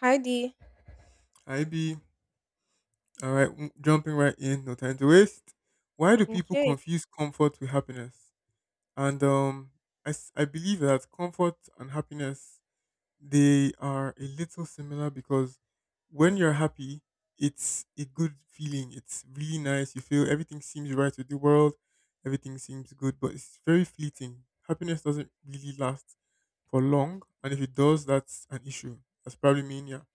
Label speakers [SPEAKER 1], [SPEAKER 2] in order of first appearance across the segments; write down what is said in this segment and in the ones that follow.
[SPEAKER 1] Heidi.
[SPEAKER 2] IB. All right, w- jumping right in, no time to waste. Why do people
[SPEAKER 1] Okay.
[SPEAKER 2] confuse comfort with happiness? And I believe that comfort and happiness, they are a little similar because when you're happy, it's a good feeling. It's really nice. You feel everything seems right with the world, everything seems good, but it's very fleeting. Happiness doesn't really last for long, and if it does, that's an issue. That's probably mania.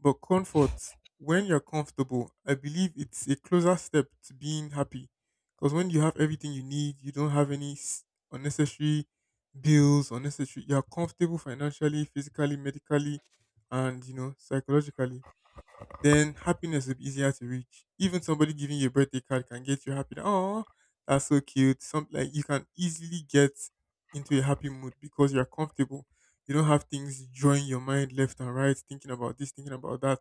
[SPEAKER 2] But comfort, when you're comfortable, I believe it's a closer step to being happy. Because when you have everything you need, you don't have any unnecessary bills, unnecessary. You're comfortable financially, physically, medically, and you know, psychologically, then happiness will be easier to reach. Even somebody giving you a birthday card can get you happy. Oh, that's so cute. Some like you can easily get into a happy mood because you're comfortable. You don't have things drawing your mind left and right, thinking about this, thinking about that.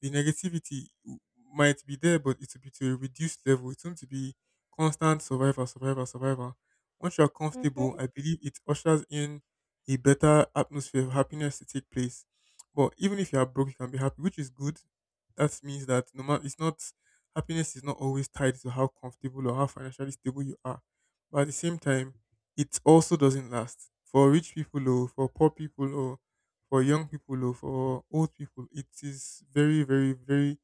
[SPEAKER 2] The negativity might be there, but it will be to a reduced level. It won't be constant survivor, survivor, survivor. Once you're comfortable,
[SPEAKER 1] Mhm.
[SPEAKER 2] I believe it ushers in a better atmosphere of happiness to take place. But even if you are broke, you can be happy, which is good. That means that no matter, it's not, happiness is not always tied to how comfortable or how financially stable you are. But at the same time, it also doesn't last. For rich people or for poor people or for young people or for old people, it is very, very, very,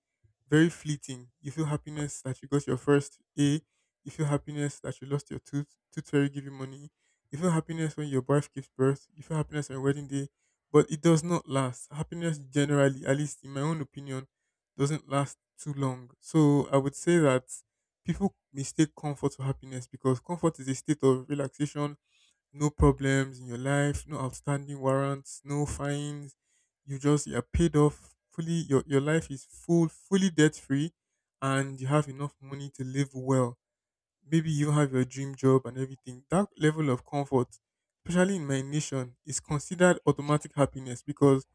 [SPEAKER 2] very fleeting. You feel happiness that you got your first A, you feel happiness that you lost your tooth, tooth fairy give you money, you feel happiness when your wife gives birth, you feel happiness on your wedding day, but it does not last. Happiness generally, at least in my own opinion, doesn't last too long. So I would say that people mistake comfort for happiness because comfort is a state of relaxation, no problems in your life, no outstanding warrants, no fines. You just, you're paid off fully. Your life is full, fully debt free, and you have enough money to live well. Maybe you have your dream job and everything. That level of comfort, especially in my nation, is considered automatic happiness because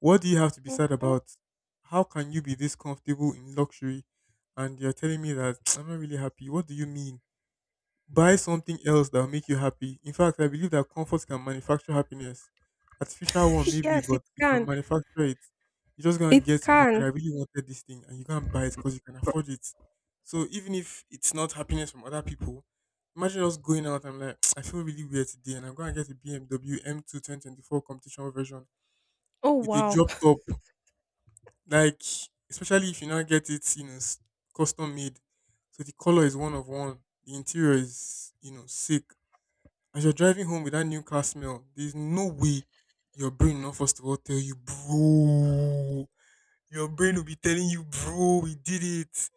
[SPEAKER 2] what do you have to be sad
[SPEAKER 1] Mhm.
[SPEAKER 2] about? How can you be this comfortable in luxury and you're telling me that I'm not really happy? What do you mean? Buy something else that will make you happy. In fact, I believe that comfort can manufacture happiness. Artificial one, maybe,
[SPEAKER 1] Yes,
[SPEAKER 2] but
[SPEAKER 1] it
[SPEAKER 2] you can
[SPEAKER 1] can.
[SPEAKER 2] manufacture it. You just go and
[SPEAKER 1] It
[SPEAKER 2] get, oh my God, I
[SPEAKER 1] can.
[SPEAKER 2] really wanted this thing, and you go and buy it because you can afford it. So even if it's not happiness from other people, imagine us going out and like, I feel really weird today, and I'm going to get a BMW M2 2024 competition version
[SPEAKER 1] Oh
[SPEAKER 2] with a
[SPEAKER 1] wow.
[SPEAKER 2] drop top. Like, especially if you now get it, you know, custom made. So the color is one of one. The interior is, you know, sick, as you're driving home with that new car smell, there's no way your brain will not first of all tell you, bro. Your brain will be telling you, bro, we did it.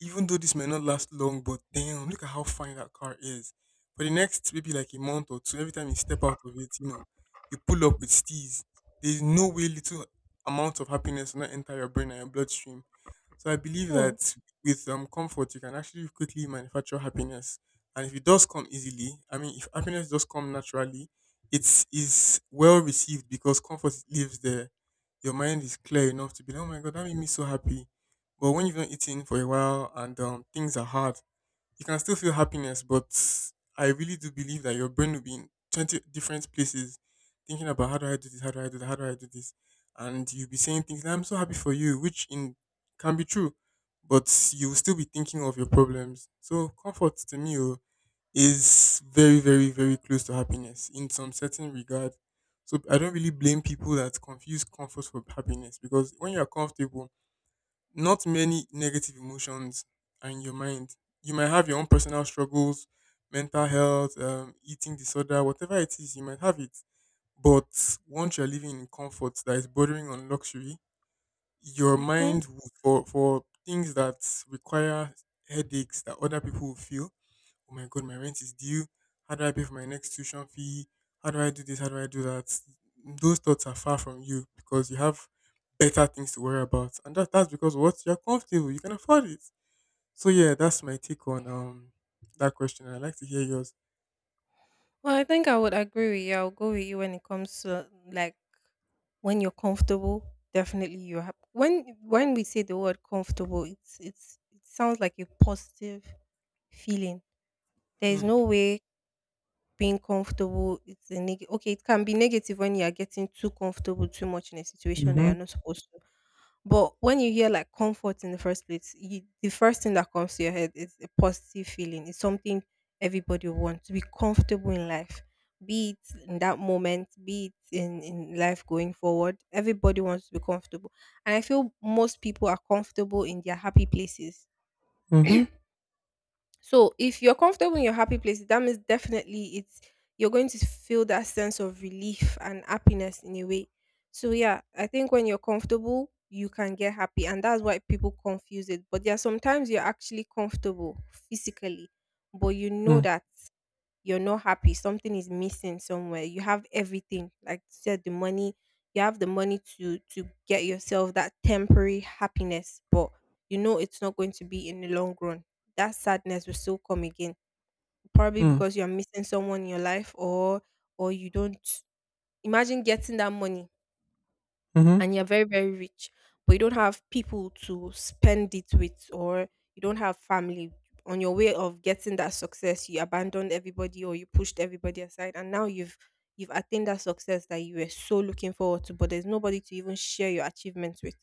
[SPEAKER 2] Even though this may not last long, but damn, look at how fine that car is. For the next maybe like a month or two, every time you step out of it, you know, you pull up with steez. There's no way little amount of happiness will not enter your brain and your bloodstream. So I believe
[SPEAKER 1] Hmm.
[SPEAKER 2] that with comfort, you can actually quickly manufacture happiness. And if it does come easily, I mean, if happiness does come naturally, it's, is well received because comfort lives there. Your mind is clear enough to be like, oh my god, that made me so happy. But when you've not eaten for a while and things are hard, you can still feel happiness. But I really do believe that your brain will be in 20 different places, thinking about how do I do this, how do I do that, how do I do this. And you'll be saying things that I'm so happy for you, which in can be true, but you'll still be thinking of your problems. So comfort to me, oh, is very, very, very close to happiness in some certain regard. So I don't really blame people that confuse comfort for happiness because when you're comfortable, not many negative emotions are in your mind. You might have your own personal struggles, mental health, eating disorder, whatever it is, you might have it. But once you're living in comfort that is bordering on luxury, your
[SPEAKER 1] Mhm.
[SPEAKER 2] mind will- for things that require headaches that other people will feel, oh my god, my rent is due. How do I pay for my next tuition fee? How do I do this? How do I do that? Those thoughts are far from you because you have better things to worry about. And that's because what? You're comfortable. You can afford it. So yeah, that's my take on that question. I'd like to hear yours.
[SPEAKER 1] Well, I think I would agree with you. I'll go with you when it comes to like when you're comfortable. Definitely, you're happy. When we say the word comfortable, it's it sounds like a positive feeling. There is
[SPEAKER 2] Mm.
[SPEAKER 1] no way being comfortable it's a okay, it can be negative when you're getting too comfortable too much in a situation that
[SPEAKER 2] Mm-hmm.
[SPEAKER 1] you're not supposed to. But when you hear like comfort in the first place, you, the first thing that comes to your head is a positive feeling. It's something everybody wants to be comfortable in life, be it in that moment, be it in life going forward. Everybody wants to be comfortable, and I feel most people are comfortable in their happy places.
[SPEAKER 2] Mm-hmm.
[SPEAKER 1] So if you're comfortable in your happy place, that means definitely it's you're going to feel that sense of relief and happiness in a way. So yeah, I think when you're comfortable, you can get happy, and that's why people confuse it. But there are sometimes you're actually comfortable physically, but you know that you're not happy, something is missing somewhere. You have everything, like you said, the money, you have the money to get yourself that temporary happiness, but you know it's not going to be in the long run. That sadness will still come again, probably
[SPEAKER 2] Mm-hmm.
[SPEAKER 1] because you're missing someone in your life, or you don't. Imagine getting that money
[SPEAKER 2] Mm-hmm.
[SPEAKER 1] and you're very very rich, but you don't have people to spend it with, or you don't have family. On your way of getting that success, you abandoned everybody, or you pushed everybody aside, and now you've attained that success that you were so looking forward to, but there's nobody to even share your achievements with.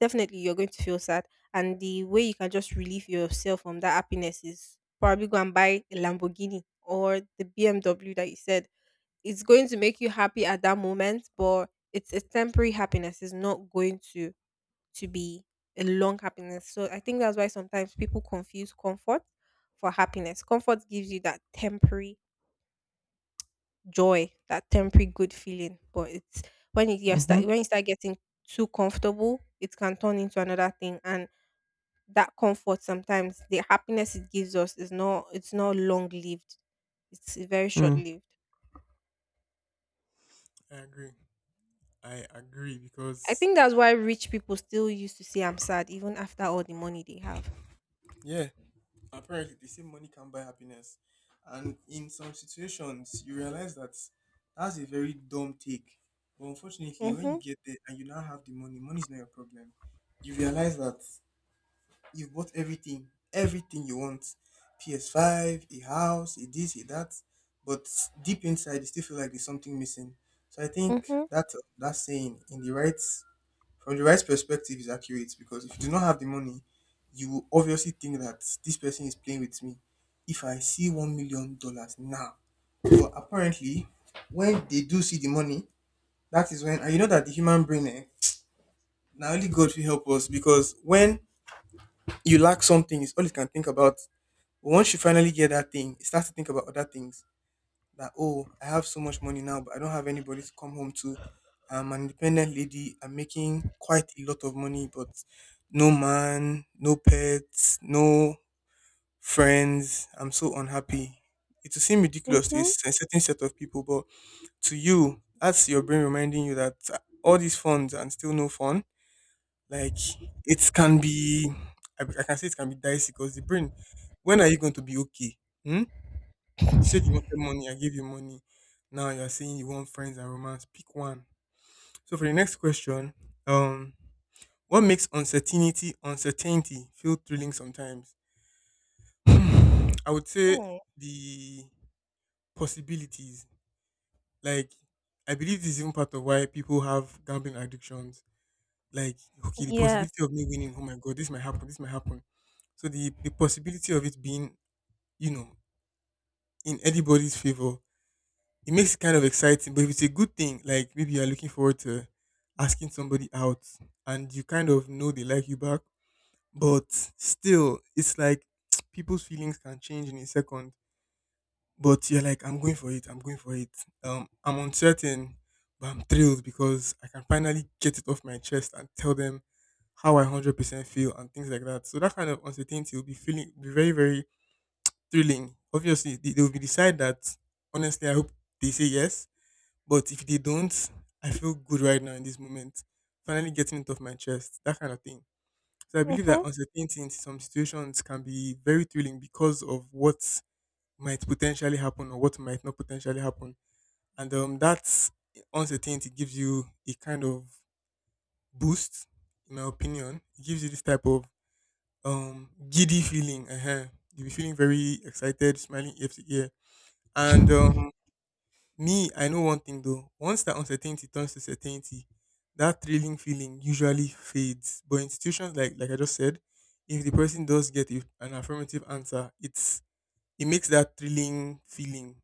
[SPEAKER 1] Definitely you're going to feel sad, and the way you can just relieve yourself from that happiness is probably go and buy a Lamborghini or the BMW that you said. It's going to make you happy at that moment, but it's a temporary happiness. It's not going to be a long happiness. So I think that's why sometimes people confuse comfort for happiness. Comfort gives you that temporary joy, that temporary good feeling, but it's when you you
[SPEAKER 2] Mm-hmm.
[SPEAKER 1] start when you start getting too comfortable, it can turn into another thing, and that comfort sometimes the happiness it gives us is not it's not long lived. It's very short
[SPEAKER 2] Mm.
[SPEAKER 1] lived.
[SPEAKER 2] I agree. I agree
[SPEAKER 1] I
[SPEAKER 2] because
[SPEAKER 1] think that's why rich people still used to say I'm sad even after all the money they have.
[SPEAKER 2] yeah, apparently they say money can buy happiness, and in some situations you realize that that's a very dumb take. But unfortunately, when you
[SPEAKER 1] Mhm.
[SPEAKER 2] get there and you now have the money, money is not your problem. You realize that you've bought everything, everything you want, PS5, a house, a this, a that, but deep inside you still feel like there's something missing. So I think
[SPEAKER 1] Mhm.
[SPEAKER 2] that that saying in the right, from the right perspective is accurate, because if you do not have the money, you will obviously think that this person is playing with me if I see $1 million now. But apparently, when they do see the money, that is when, and you know that the human brain, eh, now only God will help us, because when you lack something, it's all you can think about. But once you finally get that thing, you start to think about other things. That, oh, I have so much money now, but I don't have anybody to come home to. I'm an independent lady, I'm making quite a lot of money, but no man, no pets, no friends, I'm so unhappy. It will seem ridiculous to a
[SPEAKER 1] Mhm.
[SPEAKER 2] certain set of people, but to you, that's your brain reminding you that all these funds and still no fun. Like, it can be, I can say it can be dicey because the brain, when are you going to be okay? Hmm. Said you wanted money, I gave you money. Now you're saying you want friends and romance. Pick one. So for the next question, um, what makes uncertainty feel thrilling sometimes? Hmm, I would say
[SPEAKER 1] Mm,
[SPEAKER 2] the possibilities. Like, I believe this is even part of why people have gambling addictions. Like, okay, the
[SPEAKER 1] yes.
[SPEAKER 2] possibility of me winning, oh my god, this might happen, this might happen. So the possibility of it being, you know, in anybody's favor, it makes it kind of exciting. But if it's a good thing, like maybe you're looking forward to asking somebody out, and you kind of know they like you back, but still, it's like, people's feelings can change in a second. But you're like, I'm going for it. I'm going for it. I'm uncertain, but I'm thrilled because I can finally get it off my chest and tell them how I 100% feel and things like that. So that kind of uncertainty will be feeling, be very very thrilling. Obviously, they will be decide that honestly. I hope they say yes, but if they don't, I feel good right now in this moment. Finally getting it off my chest, that kind of thing. So I believe that
[SPEAKER 1] Mhm.
[SPEAKER 2] uncertainty in some situations can be very thrilling because of what might potentially happen or what might not potentially happen. And that uncertainty gives you a kind of boost, in my opinion. It gives you this type of giddy feeling. Uh-huh. You'll be feeling very excited, smiling ear to ear. And me, I know one thing though. Once that uncertainty turns to certainty, that thrilling feeling usually fades. But institutions, like I just said, if the person does get a- an affirmative answer, it's, it makes that thrilling feeling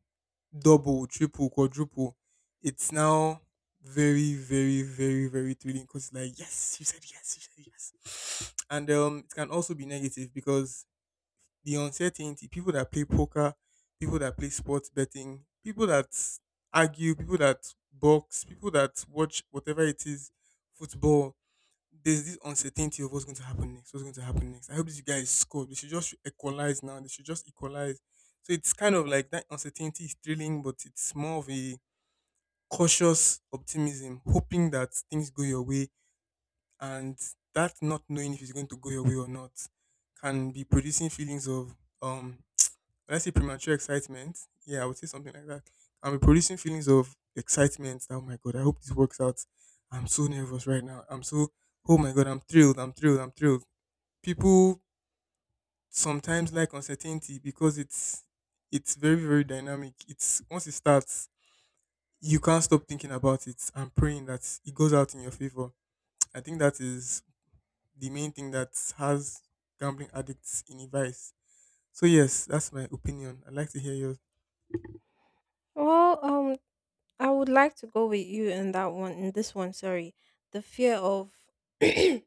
[SPEAKER 2] double, triple, quadruple. It's now very, very, very, very thrilling because like yes, you said yes, you said yes. And it can also be negative because the uncertainty, people that play poker, people that play sports betting, people that argue, people that box, people that watch whatever it is, football. There's this uncertainty of what's going to happen next. What's going to happen next? I hope these guys score. They should just equalize now. They should just equalize. So it's kind of like that uncertainty is thrilling, but it's more of a cautious optimism, hoping that things go your way, and that not knowing if it's going to go your way or not can be producing feelings of um when I say premature excitement, yeah, I would say something like that. I'm producing feelings of excitement. Oh my god, I hope this works out. I'm so nervous right now. I'm so oh my god, I'm thrilled, I'm thrilled, I'm thrilled. People sometimes like uncertainty because it's very, very dynamic. It's once it starts, you can't stop thinking about it and praying that it goes out in your favor. I think that is the main thing that has gambling addicts in a vice. So yes, that's my opinion. I'd like to hear yours.
[SPEAKER 1] Well, I would like to go with you in that one, in this one, sorry. The fear of the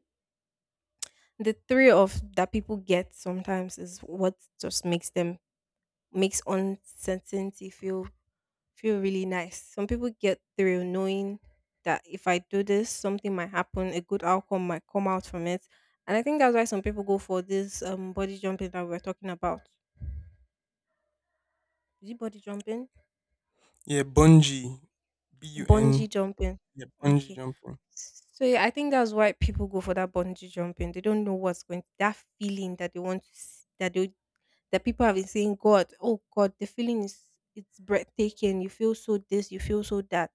[SPEAKER 1] three of that people get sometimes is what just makes them makes uncertainty feel feel really nice. Some people get through knowing that if I do this, something might happen, a good outcome might come out from it. And I think that's why some people go for this body jumping that we are talking about. Is it body jumping?
[SPEAKER 2] Yeah, bungee, BUN.
[SPEAKER 1] Bungee jumping.
[SPEAKER 2] Yeah, bungee
[SPEAKER 1] Okay.
[SPEAKER 2] jumping.
[SPEAKER 1] So yeah, I think that's why people go for that bungee jumping. They don't know what's going that feeling that they want to that they that people have been saying, God, oh God, the feeling is it's breathtaking. You feel so this, you feel so that.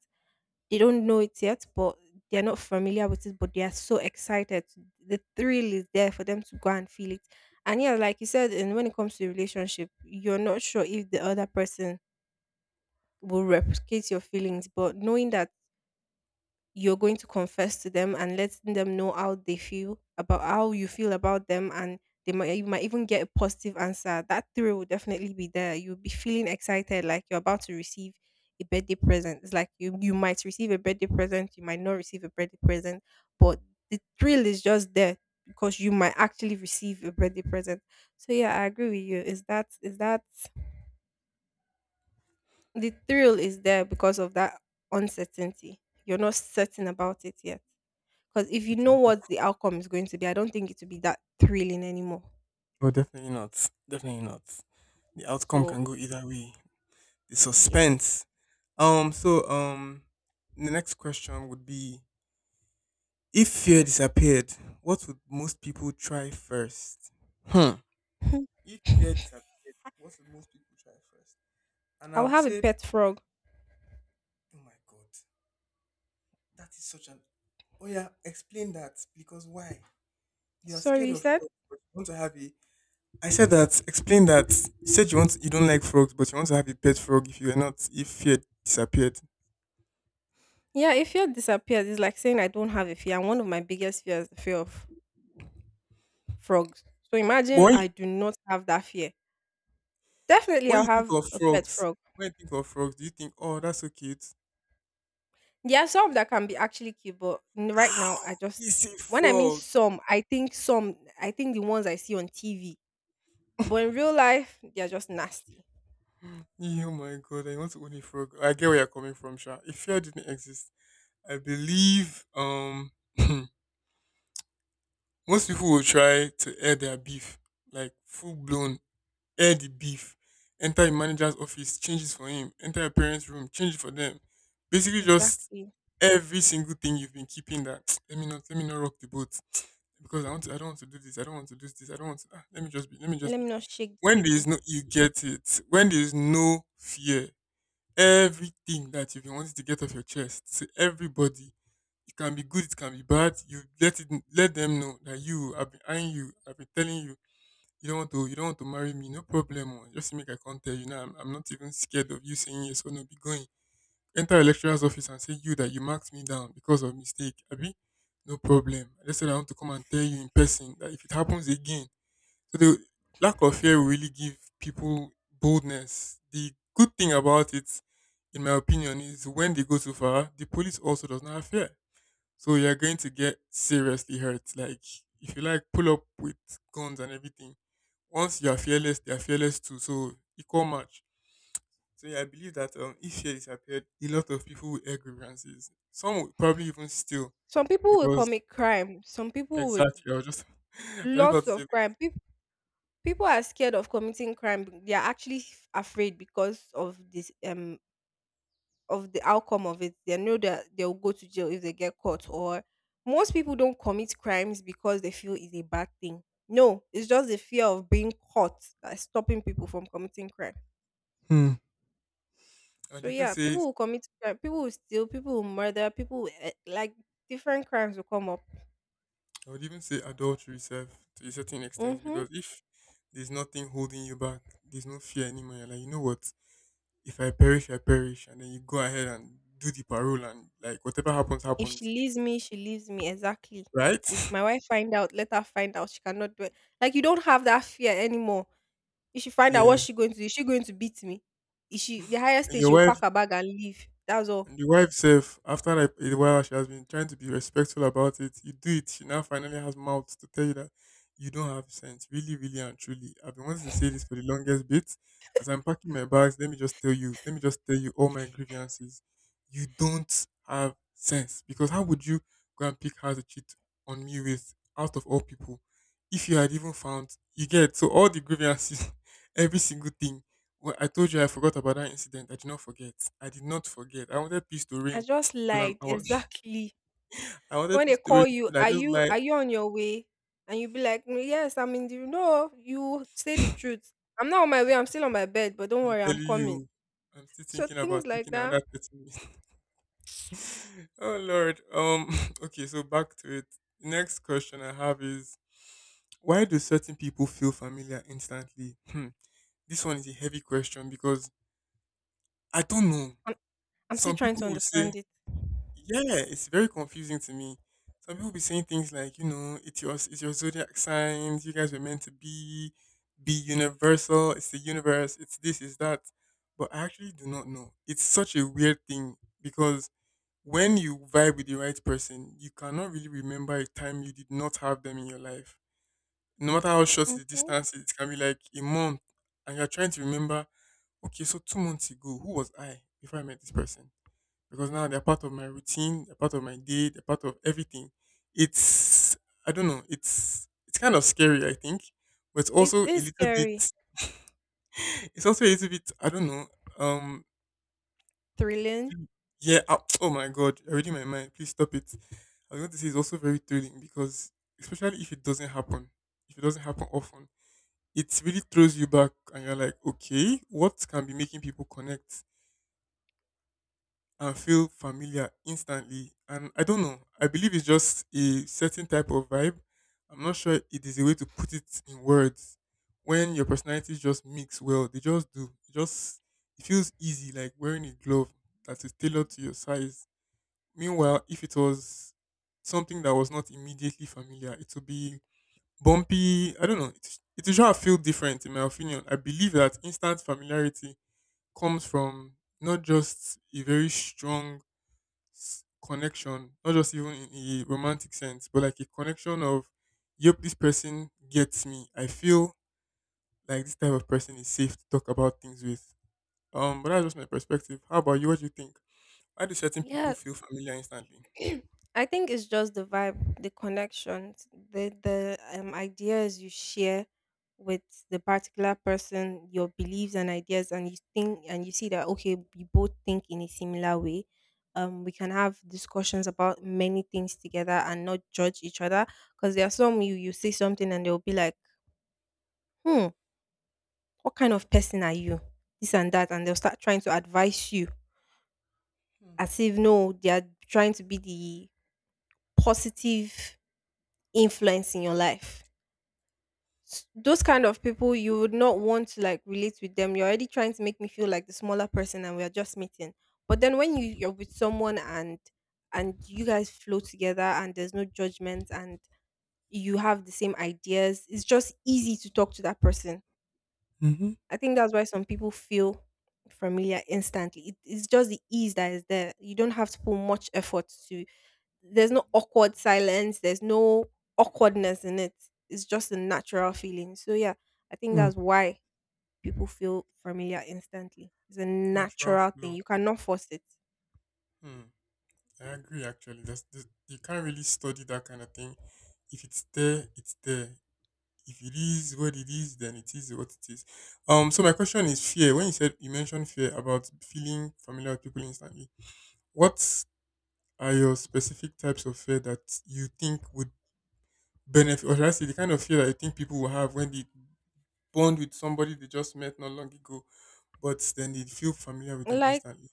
[SPEAKER 1] They don't know it yet, but they're not familiar with it, but they are so excited. The thrill is there for them to go and feel it. And yeah, like you said, and when it comes to relationship, you're not sure if the other person will replicate your feelings, but knowing that you're going to confess to them and letting them know how they feel about how you feel about them, and they might you might even get a positive answer, that thrill will definitely be there. You'll be feeling excited like you're about to receive a birthday present. It's like you might receive a birthday present, you might not receive a birthday present, but the thrill is just there, because you might actually receive a birthday present. So yeah, I agree with you, is that the thrill is there because of that uncertainty. You're not certain about it yet, because if you
[SPEAKER 2] Which I
[SPEAKER 1] know
[SPEAKER 2] hope.
[SPEAKER 1] what the outcome is going to be, I don't think it will be that thrilling anymore.
[SPEAKER 2] Oh, definitely not. Definitely not. The outcome
[SPEAKER 1] So,
[SPEAKER 2] can go either way. The
[SPEAKER 1] yes.
[SPEAKER 2] suspense. So the next question would be: if fear disappeared, what would most people try first? Hmm. If fear disappeared, what would most people try first? And
[SPEAKER 1] I
[SPEAKER 2] I
[SPEAKER 1] will
[SPEAKER 2] would
[SPEAKER 1] have a
[SPEAKER 2] say,
[SPEAKER 1] pet frog.
[SPEAKER 2] oh my god, that is such an. Oh yeah, explain that because why? You are
[SPEAKER 1] Sorry,
[SPEAKER 2] scared
[SPEAKER 1] you
[SPEAKER 2] of
[SPEAKER 1] said?
[SPEAKER 2] fraud, but you want to have a I said that. Explain that. You said you don't like frogs, but you want to have a pet frog. If you were not, if fear disappeared.
[SPEAKER 1] Yeah, if fear disappears, it's like saying I don't have a fear. And one of my biggest fears is the fear of frogs. So
[SPEAKER 2] But
[SPEAKER 1] imagine
[SPEAKER 2] when you,
[SPEAKER 1] I do not have that fear. Definitely,
[SPEAKER 2] when
[SPEAKER 1] I'll
[SPEAKER 2] you think
[SPEAKER 1] have
[SPEAKER 2] of
[SPEAKER 1] a pet
[SPEAKER 2] frogs,
[SPEAKER 1] frog.
[SPEAKER 2] when you think of frogs, do you think, oh, that's so cute?
[SPEAKER 1] There are some that can be actually cute, but right now, I just,
[SPEAKER 2] It's a
[SPEAKER 1] when I mean
[SPEAKER 2] frog.
[SPEAKER 1] some, I think the ones I see on TV. But in real life, they are just nasty.
[SPEAKER 2] Oh my god, I want to own a frog. I get where you're coming from, Sha. If fear didn't exist, I believe most people will try to air their beef, like full blown air the beef. Enter a manager's office, change it for him. Enter a parent's room, change it for them. Basically, just
[SPEAKER 1] Exactly.
[SPEAKER 2] every single thing you've been keeping that let me not rock the boat because I don't want to do this, I don't want to do this, I don't want to ah, let me just be, let me just
[SPEAKER 1] Let
[SPEAKER 2] be
[SPEAKER 1] me not shake the
[SPEAKER 2] when there is
[SPEAKER 1] table.
[SPEAKER 2] no you get it, when there is no fear, everything that you've been wanting to get off your chest to everybody, it can be good, it can be bad, you let it, let them know that you I've been eyeing you, I've been telling you, you don't want to marry me, no problem. Oh, just make I come tell you now, I'm not even scared of you saying yes or no, be going, enter a lecturer's office and say you that you marked me down because of mistake abi. No problem, I just said I want to come and tell you in person that if it happens again, so the lack of fear will really give people boldness. The good thing about it in my opinion is when they go too far, the police also does not have fear, so you're going to get seriously hurt, like if you like pull up with guns and everything. Once you are fearless, they are fearless too, so equal match. So yeah, I believe that if fear disappeared, a lot of people would air grievances. Some would probably even steal
[SPEAKER 1] Some people will
[SPEAKER 2] because
[SPEAKER 1] commit crime. Some people would
[SPEAKER 2] exactly. I was just I was just about
[SPEAKER 1] lots
[SPEAKER 2] to say
[SPEAKER 1] of
[SPEAKER 2] that.
[SPEAKER 1] crime. People are scared of committing crime. They are actually afraid because of this of the outcome of it. They know that they'll go to jail if they get caught. Or most people don't commit crimes because they feel it's a bad thing. No, it's just the fear of being caught that's stopping people from committing crime.
[SPEAKER 2] Hmm. I'd
[SPEAKER 1] So
[SPEAKER 2] even
[SPEAKER 1] yeah,
[SPEAKER 2] say
[SPEAKER 1] people will commit crime. People will steal. People will murder. People will, eh, like different crimes will come up.
[SPEAKER 2] I would even say adultery self to a certain extent,
[SPEAKER 1] Mm-hmm.
[SPEAKER 2] because if there's nothing holding you back, there's no fear anymore. You're like, you know what, if I perish, I perish, and then you go ahead and do the parole and like, whatever happens
[SPEAKER 1] If she
[SPEAKER 2] happens,
[SPEAKER 1] leaves me, she leaves me. Exactly.
[SPEAKER 2] right?
[SPEAKER 1] If my wife find out, let her find out. She cannot do it. Like you don't have that fear anymore. If she find out, what's
[SPEAKER 2] Yeah.
[SPEAKER 1] she going to do? Is she going to beat me? Is she the highest
[SPEAKER 2] And
[SPEAKER 1] thing?
[SPEAKER 2] your
[SPEAKER 1] She'll
[SPEAKER 2] wife
[SPEAKER 1] pack her bag and leave. That's
[SPEAKER 2] And
[SPEAKER 1] all.
[SPEAKER 2] the wife self, after like a while, she has been trying to be respectful about it. You do it. She now finally has mouth to tell you that you don't have sense, really, really, and truly. I've been wanting to say this for the longest bit. As I'm packing my bags, let me just tell you, let me just tell you all my grievances. You don't have sense, because how would you go and pick her to cheat on me with out of all people? If you had even found, you get so all the grievances, every single thing. Well, I told you I forgot about that incident. I did not forget. I did not forget. I wanted peace to
[SPEAKER 1] I
[SPEAKER 2] reign.
[SPEAKER 1] just
[SPEAKER 2] Because
[SPEAKER 1] lied. Exactly.
[SPEAKER 2] I wanted
[SPEAKER 1] When they
[SPEAKER 2] peace to reign.
[SPEAKER 1] call you,
[SPEAKER 2] So I
[SPEAKER 1] are
[SPEAKER 2] just
[SPEAKER 1] you
[SPEAKER 2] like
[SPEAKER 1] are you on your way? And you be like, "Mm, yes, I'm in the no. You say the truth. I'm not on my way. I'm still on my bed. But don't
[SPEAKER 2] I'm
[SPEAKER 1] worry, I'm
[SPEAKER 2] telling
[SPEAKER 1] coming.
[SPEAKER 2] you, I'm still
[SPEAKER 1] So
[SPEAKER 2] thinking about
[SPEAKER 1] things like
[SPEAKER 2] taking
[SPEAKER 1] that.
[SPEAKER 2] another 30 minutes. Oh Lord. Okay. So back to it. Next question I have is, why do certain people feel familiar instantly? Hmm. This one is a heavy question because I don't know.
[SPEAKER 1] I'm, I'm still
[SPEAKER 2] Some
[SPEAKER 1] trying
[SPEAKER 2] people
[SPEAKER 1] to
[SPEAKER 2] will say
[SPEAKER 1] understand it.
[SPEAKER 2] Yeah, it's very confusing to me. Some people be saying things like, it's your zodiac signs. You guys were meant to be universal. It's the universe. It's this. It's that. But I actually do not know. It's such a weird thing, because when you vibe with the right person, you cannot really remember a time you did not have them in your life. No matter how short the
[SPEAKER 1] Mhm.
[SPEAKER 2] distance is, it can be like a month, and you're trying to remember. Okay, so 2 months ago, who was I before I met this person? Because now they're part of my routine, they're part of my day, they're part of everything. It's I don't know, it's kind of scary, I think, but it's
[SPEAKER 1] It
[SPEAKER 2] also a
[SPEAKER 1] is
[SPEAKER 2] little bit
[SPEAKER 1] scary,
[SPEAKER 2] it's also a little bit I don't know. Um
[SPEAKER 1] thrilling.
[SPEAKER 2] yeah, oh my god, you're reading my mind. Please stop it. I was going to say it's also very thrilling because, especially if it doesn't happen, if it doesn't happen often, it really throws you back and you're like, okay, what can be making people connect and feel familiar instantly? And I don't know. I believe it's just a certain type of vibe. I'm not sure it is a way to put it in words. When your personalities just mix well, they just do. It feels easy, like wearing a glove that is tailored to your size. Meanwhile, if it was something that was not immediately familiar, it would be bumpy. I don't know. It will sure feel different, in my opinion. I believe that instant familiarity comes from not just a very strong connection, not just even in a romantic sense, but like a connection of, yep, this person gets me. I feel like this type of person is safe to talk about things with. But that's just my perspective. How about you? What do you think? Why do certain people
[SPEAKER 1] Yeah,
[SPEAKER 2] feel familiar instantly?
[SPEAKER 1] I think it's just the vibe, the connections, the ideas you share with the particular person, your beliefs and ideas, and you think and you see that okay, we both think in a similar way. We can have discussions about many things together and not judge each other. Because there are some you you say something and they'll be like, hmm, what kind of person are you? This and that, and they'll start trying to advise you as if no, they are trying to be the positive influence in your life. Those kind of people, you would not want to like relate with them. You're already trying to make me feel like the smaller person, and we're just meeting. But then when you you're with someone and you guys flow together, and there's no judgment, and you have the same ideas, it's just easy to talk to that person.
[SPEAKER 2] Mm-hmm.
[SPEAKER 1] I think that's why some people feel familiar instantly. It's just the ease that is there. You don't have to put much effort to there's no awkward silence, there's no awkwardness in it. It's just a natural feeling. So yeah, I think
[SPEAKER 2] Mm.
[SPEAKER 1] that's why people feel familiar instantly. It's a
[SPEAKER 2] Natural
[SPEAKER 1] natural thing.
[SPEAKER 2] flow.
[SPEAKER 1] You cannot force it.
[SPEAKER 2] Hmm. I agree. Actually, that's you can't really study that kind of thing. If it's there, it's there. If it is what it is, then it is what it is. So my question is fear. When you mentioned fear about feeling familiar with people instantly, what are your specific types of fear that you think would benefit, or should I say, the kind of fear that you think people will have when they bond with somebody they just met not long ago, but then they feel familiar with them
[SPEAKER 1] Like
[SPEAKER 2] instantly?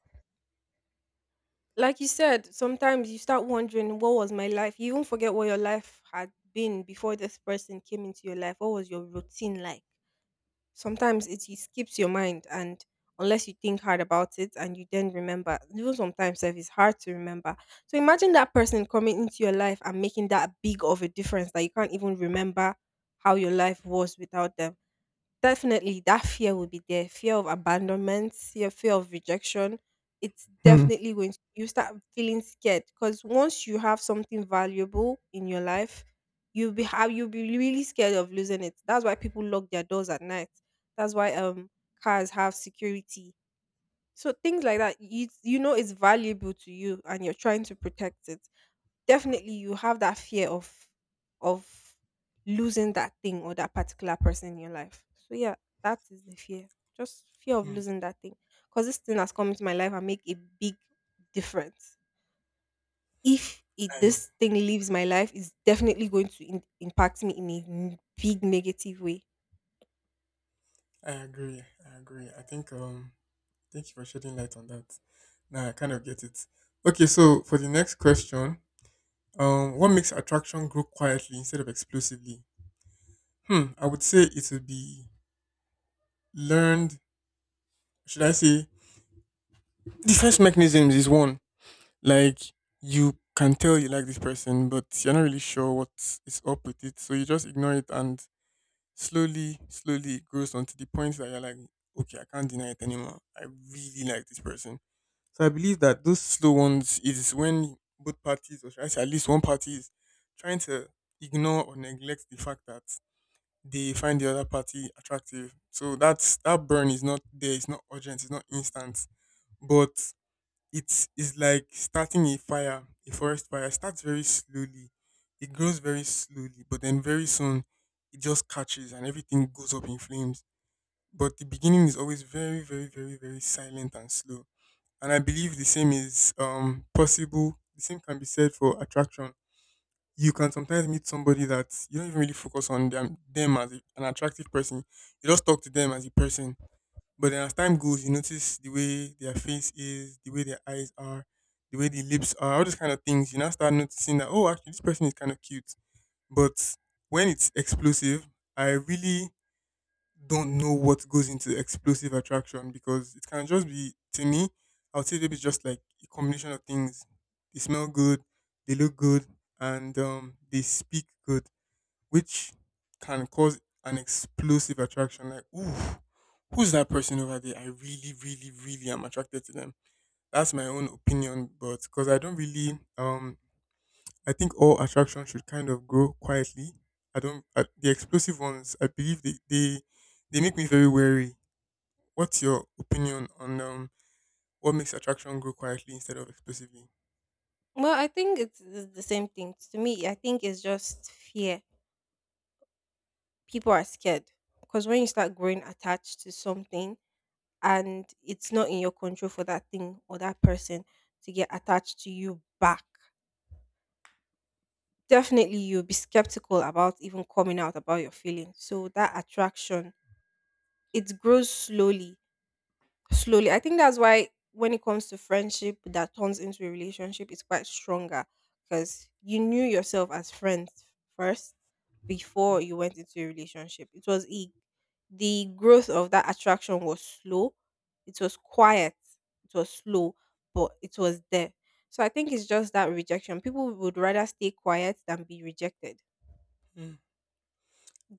[SPEAKER 1] like you said, sometimes you start wondering what was my life? You even forget what your life had been before this person came into your life. What was your routine like? Sometimes it escapes your mind, and unless you think hard about it and you then remember, even sometimes sef, it's hard to remember. So imagine that person coming into your life and making that big of a difference that you can't even remember how your life was without them. Definitely that fear will be there. Fear of abandonment, fear of rejection. It's
[SPEAKER 2] Hmm.
[SPEAKER 1] definitely going to, you start feeling scared because once you have something valuable in your life, you'll be have you'll be really scared of losing it. That's why people lock their doors at night. That's why cars have security. So things like that, you know it's valuable to you and you're trying to protect it. Definitely you have that fear of losing that thing or that particular person in your life. So yeah, that is the fear. Just fear of
[SPEAKER 2] Hmm.
[SPEAKER 1] losing that thing. Because this thing has come into my life and make a big difference. If it,
[SPEAKER 2] I
[SPEAKER 1] this thing leaves my life, it's definitely going to in, impact me in a big negative way.
[SPEAKER 2] I agree. I agree. I think thank you for shedding light on that. Now I kind of get it. Okay, so for the next question, what makes attraction grow quietly instead of explosively? Hmm, I would say it would be learned. Should I say defense mechanisms is one. Like you can tell you like this person, but you're not really sure what is up with it, so you just ignore it, and slowly, slowly it grows onto the point that you're like, okay, I can't deny it anymore. I really like this person. So I believe that those slow ones is when both parties, or should I say at least one party, is trying to ignore or neglect the fact that they find the other party attractive. So that burn is not there, it's not urgent, it's not instant. But it's like starting a fire, a forest fire. It starts very slowly. It grows very slowly, but then very soon it just catches and everything goes up in flames. But the beginning is always very, very, very, very silent and slow. And I believe the same is possible. The same can be said for attraction. You can sometimes meet somebody that you don't even really focus on them as an attractive person. You just talk to them as a person. But then as time goes, you notice the way their face is, the way their eyes are, the way the lips are, all these kind of things. You now start noticing that, oh, actually, this person is kind of cute. But when it's explosive, I really don't know what goes into explosive attraction because it can just be to me. I would say maybe just like a combination of things. They smell good, they look good, and they speak good, which can cause an explosive attraction. Like, ooh, who's that person over there? I really, really, really am attracted to them. That's my own opinion, but because I don't really I think all attraction should kind of grow quietly. I don't I, The explosive ones, I believe they make me very wary. What's your opinion on what makes attraction grow quietly instead of explosively?
[SPEAKER 1] Well, it's the same thing. To me, I think it's just fear. People are scared because when you start growing attached to something and it's not in your control for that thing or that person to get attached to you back, definitely you'll be skeptical about even coming out about your feelings. So that attraction, it grows slowly slowly. I think that's why when it comes to friendship that turns into a relationship, it's quite stronger because you knew yourself as friends first before you went into a relationship. The growth of that attraction was slow. It was quiet. It was slow, but it was there. So I think it's just that rejection. People would rather stay quiet than be rejected.
[SPEAKER 2] Hmm.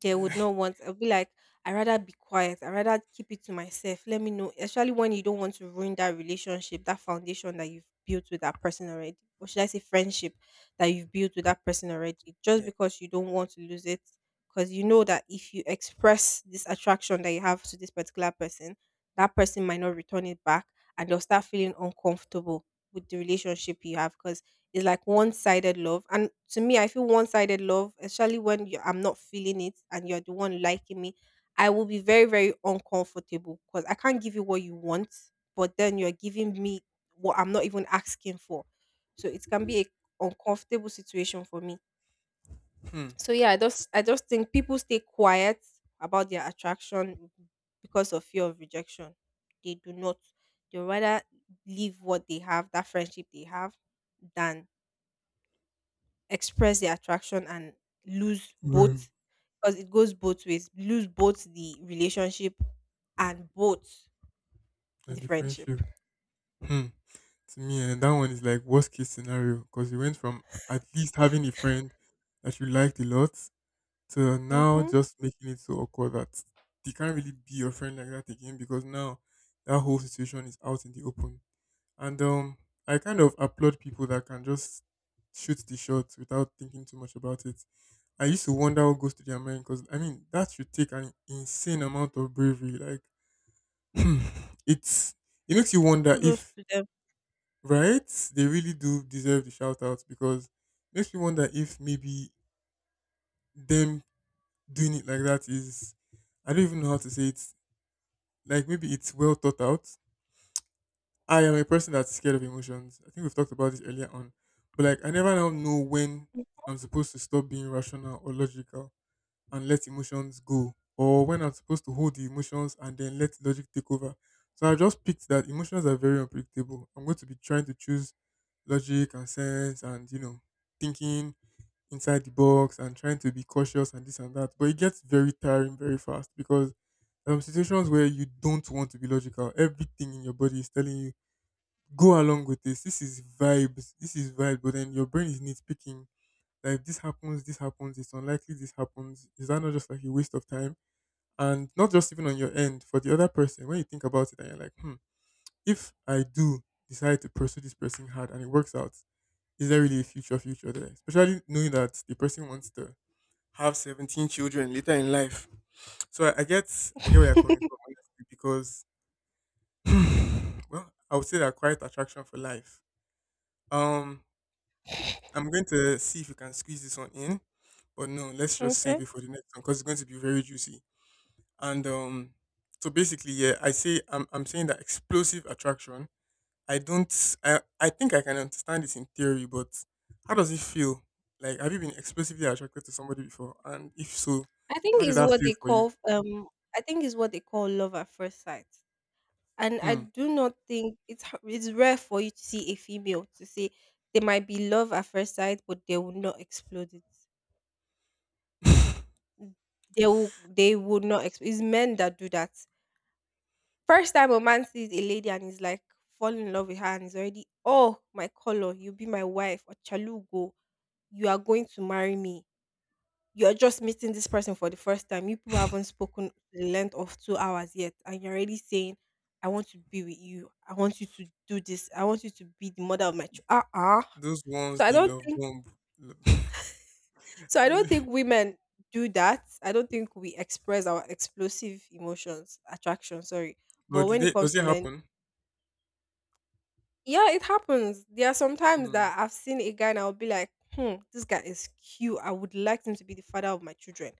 [SPEAKER 1] They would
[SPEAKER 2] I-
[SPEAKER 1] not want. I'll be like, I rather be quiet. I rather keep it to myself. Let me know, especially when you don't want to ruin that relationship, that foundation that you've built with that person already. Or should I say friendship that you've built with that person already? Just
[SPEAKER 2] yeah.
[SPEAKER 1] because you don't want to lose it. Because you know that if you express this attraction that you have to this particular person, that person might not return it back and they'll start feeling uncomfortable with the relationship you have. Because it's like one sided love. And to me, I feel one sided love, especially when you, I'm not feeling it and you're the one liking me, I will be very, very uncomfortable because I can't give you what you want, but then you're giving me what I'm not even asking for. So it can be a uncomfortable situation for me.
[SPEAKER 2] Hmm.
[SPEAKER 1] So yeah, I just think people stay quiet about their attraction because of fear of rejection. They do not. They rather leave what they have, that friendship they have, than express their attraction and lose
[SPEAKER 2] Man,
[SPEAKER 1] both because it goes both ways, lose both the relationship and both
[SPEAKER 2] and
[SPEAKER 1] the
[SPEAKER 2] the
[SPEAKER 1] friendship.
[SPEAKER 2] friendship. Hmm. To me, and that one is like worst case scenario because you went from at least having a friend that you liked a lot to now
[SPEAKER 1] Mm-hmm.
[SPEAKER 2] just making it so awkward that they can't really be your friend like that again because now that whole situation is out in the open. And I kind of applaud people that can just shoot the shots without thinking too much about it. I used to wonder what goes to their mind because I mean that should take an insane amount of bravery. Like, it's it makes you wonder
[SPEAKER 1] Kudos
[SPEAKER 2] if
[SPEAKER 1] to them.
[SPEAKER 2] right they really do deserve the shout out because it makes me wonder if maybe them doing it like that is, I don't even know how to say it. Like maybe it's well thought out. I am a person that's scared of emotions. I think we've talked about this earlier on. But like I never now know when I'm supposed to stop being rational or logical and let emotions go, or when I'm supposed to hold the emotions and then let logic take over. So I just picked that emotions are very unpredictable. I'm going to be trying to choose logic and sense and you know, thinking inside the box and trying to be cautious and this and that. But it gets very tiring very fast because situations where you don't want to be logical. Everything in your body is telling you go along with this. This is vibes. This is vibe. But then your brain is nitpicking. Like this happens, this happens. It's unlikely this happens. Is that not just like a waste of time? And not just even on your end, for the other person. When you think about it, and you're like, hmm, if I do decide to pursue this person hard and it works out, is there really a future future there? Especially knowing that the person wants to have 17 children later in life. So I get where you're coming from, honestly. Because well, I would say that quiet attraction for life. Um I'm going to see if we can squeeze this one in, but no, let's just save
[SPEAKER 1] Okay.
[SPEAKER 2] it for the next one because it's going to be very juicy. And So basically, yeah, I say I'm saying that explosive attraction, I don't. I think I can understand this in theory, but how does it feel? Like, have you been explosively attracted to somebody before? And if so,
[SPEAKER 1] i think
[SPEAKER 2] how did
[SPEAKER 1] is
[SPEAKER 2] that
[SPEAKER 1] what
[SPEAKER 2] feel
[SPEAKER 1] they
[SPEAKER 2] for you?
[SPEAKER 1] call um I think is what they call love at first sight, and I
[SPEAKER 2] Hmm.
[SPEAKER 1] do not think it's rare for you to see a female to say they might be love at first sight, but they will not explode it. They will not explode. It's men that do that. First time a man sees a lady and he's like falling in love with her and he's already, oh my color, you be my wife, or chalugo, you are going to marry me. You are just meeting this person for the first time. You people haven't spoken the length of 2 hours yet, and you're already saying, "I want to be with you. I want you to do this. I want you to be the mother of my child." Uh-uh.
[SPEAKER 2] Those ones
[SPEAKER 1] So I
[SPEAKER 2] they
[SPEAKER 1] don't
[SPEAKER 2] love
[SPEAKER 1] think.
[SPEAKER 2] bomb.
[SPEAKER 1] So I don't think women do that. I don't think we express our explosive emotions, attraction. Sorry,
[SPEAKER 2] but
[SPEAKER 1] but
[SPEAKER 2] do
[SPEAKER 1] when
[SPEAKER 2] they?
[SPEAKER 1] it comes
[SPEAKER 2] Does
[SPEAKER 1] to
[SPEAKER 2] it
[SPEAKER 1] men,
[SPEAKER 2] happen?
[SPEAKER 1] yeah, it happens. There are sometimes
[SPEAKER 2] Hmm.
[SPEAKER 1] that I've seen a guy and I'll be like, hmm, this guy is cute. I would like him to be the father of my children.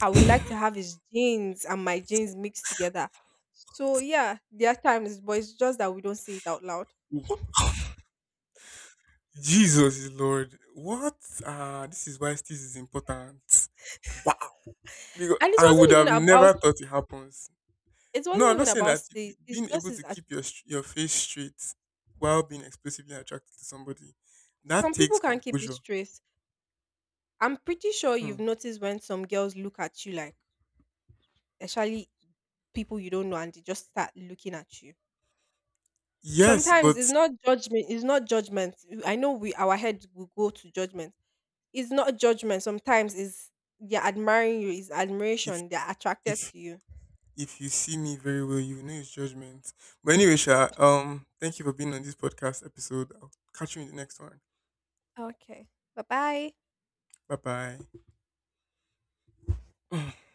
[SPEAKER 1] I would like to have his genes and my genes mixed together. So yeah, there are times, but it's just that we don't say it out loud.
[SPEAKER 2] Jesus is Lord. What? Ah, this is why this is important. Wow. Because
[SPEAKER 1] And
[SPEAKER 2] I would have never thought it happens.
[SPEAKER 1] it
[SPEAKER 2] No,
[SPEAKER 1] wasn't
[SPEAKER 2] I'm not
[SPEAKER 1] even
[SPEAKER 2] saying
[SPEAKER 1] about
[SPEAKER 2] that
[SPEAKER 1] this.
[SPEAKER 2] you-
[SPEAKER 1] It's
[SPEAKER 2] being
[SPEAKER 1] just
[SPEAKER 2] able
[SPEAKER 1] his
[SPEAKER 2] to keep
[SPEAKER 1] atti-
[SPEAKER 2] your str- your face straight while being explosively attracted to somebody, that
[SPEAKER 1] some people
[SPEAKER 2] takes
[SPEAKER 1] can't keep it
[SPEAKER 2] composure.
[SPEAKER 1] straight. I'm pretty sure
[SPEAKER 2] Hmm.
[SPEAKER 1] you've noticed when some girls look at you like, especially people you don't know, and they just start looking at you.
[SPEAKER 2] Yes,
[SPEAKER 1] Sometimes it's
[SPEAKER 2] but
[SPEAKER 1] not judgment. It's not judgment. I know we, our head will go to judgment. It's not judgment. Sometimes it's they're admiring you. It's
[SPEAKER 2] if
[SPEAKER 1] admiration. They're attracted
[SPEAKER 2] if
[SPEAKER 1] to you.
[SPEAKER 2] if you see me very well, you will know it's judgment. But anyway, Sha, thank you for being on this podcast episode. I'll catch you in the next one.
[SPEAKER 1] Okay. Bye bye.
[SPEAKER 2] Bye bye.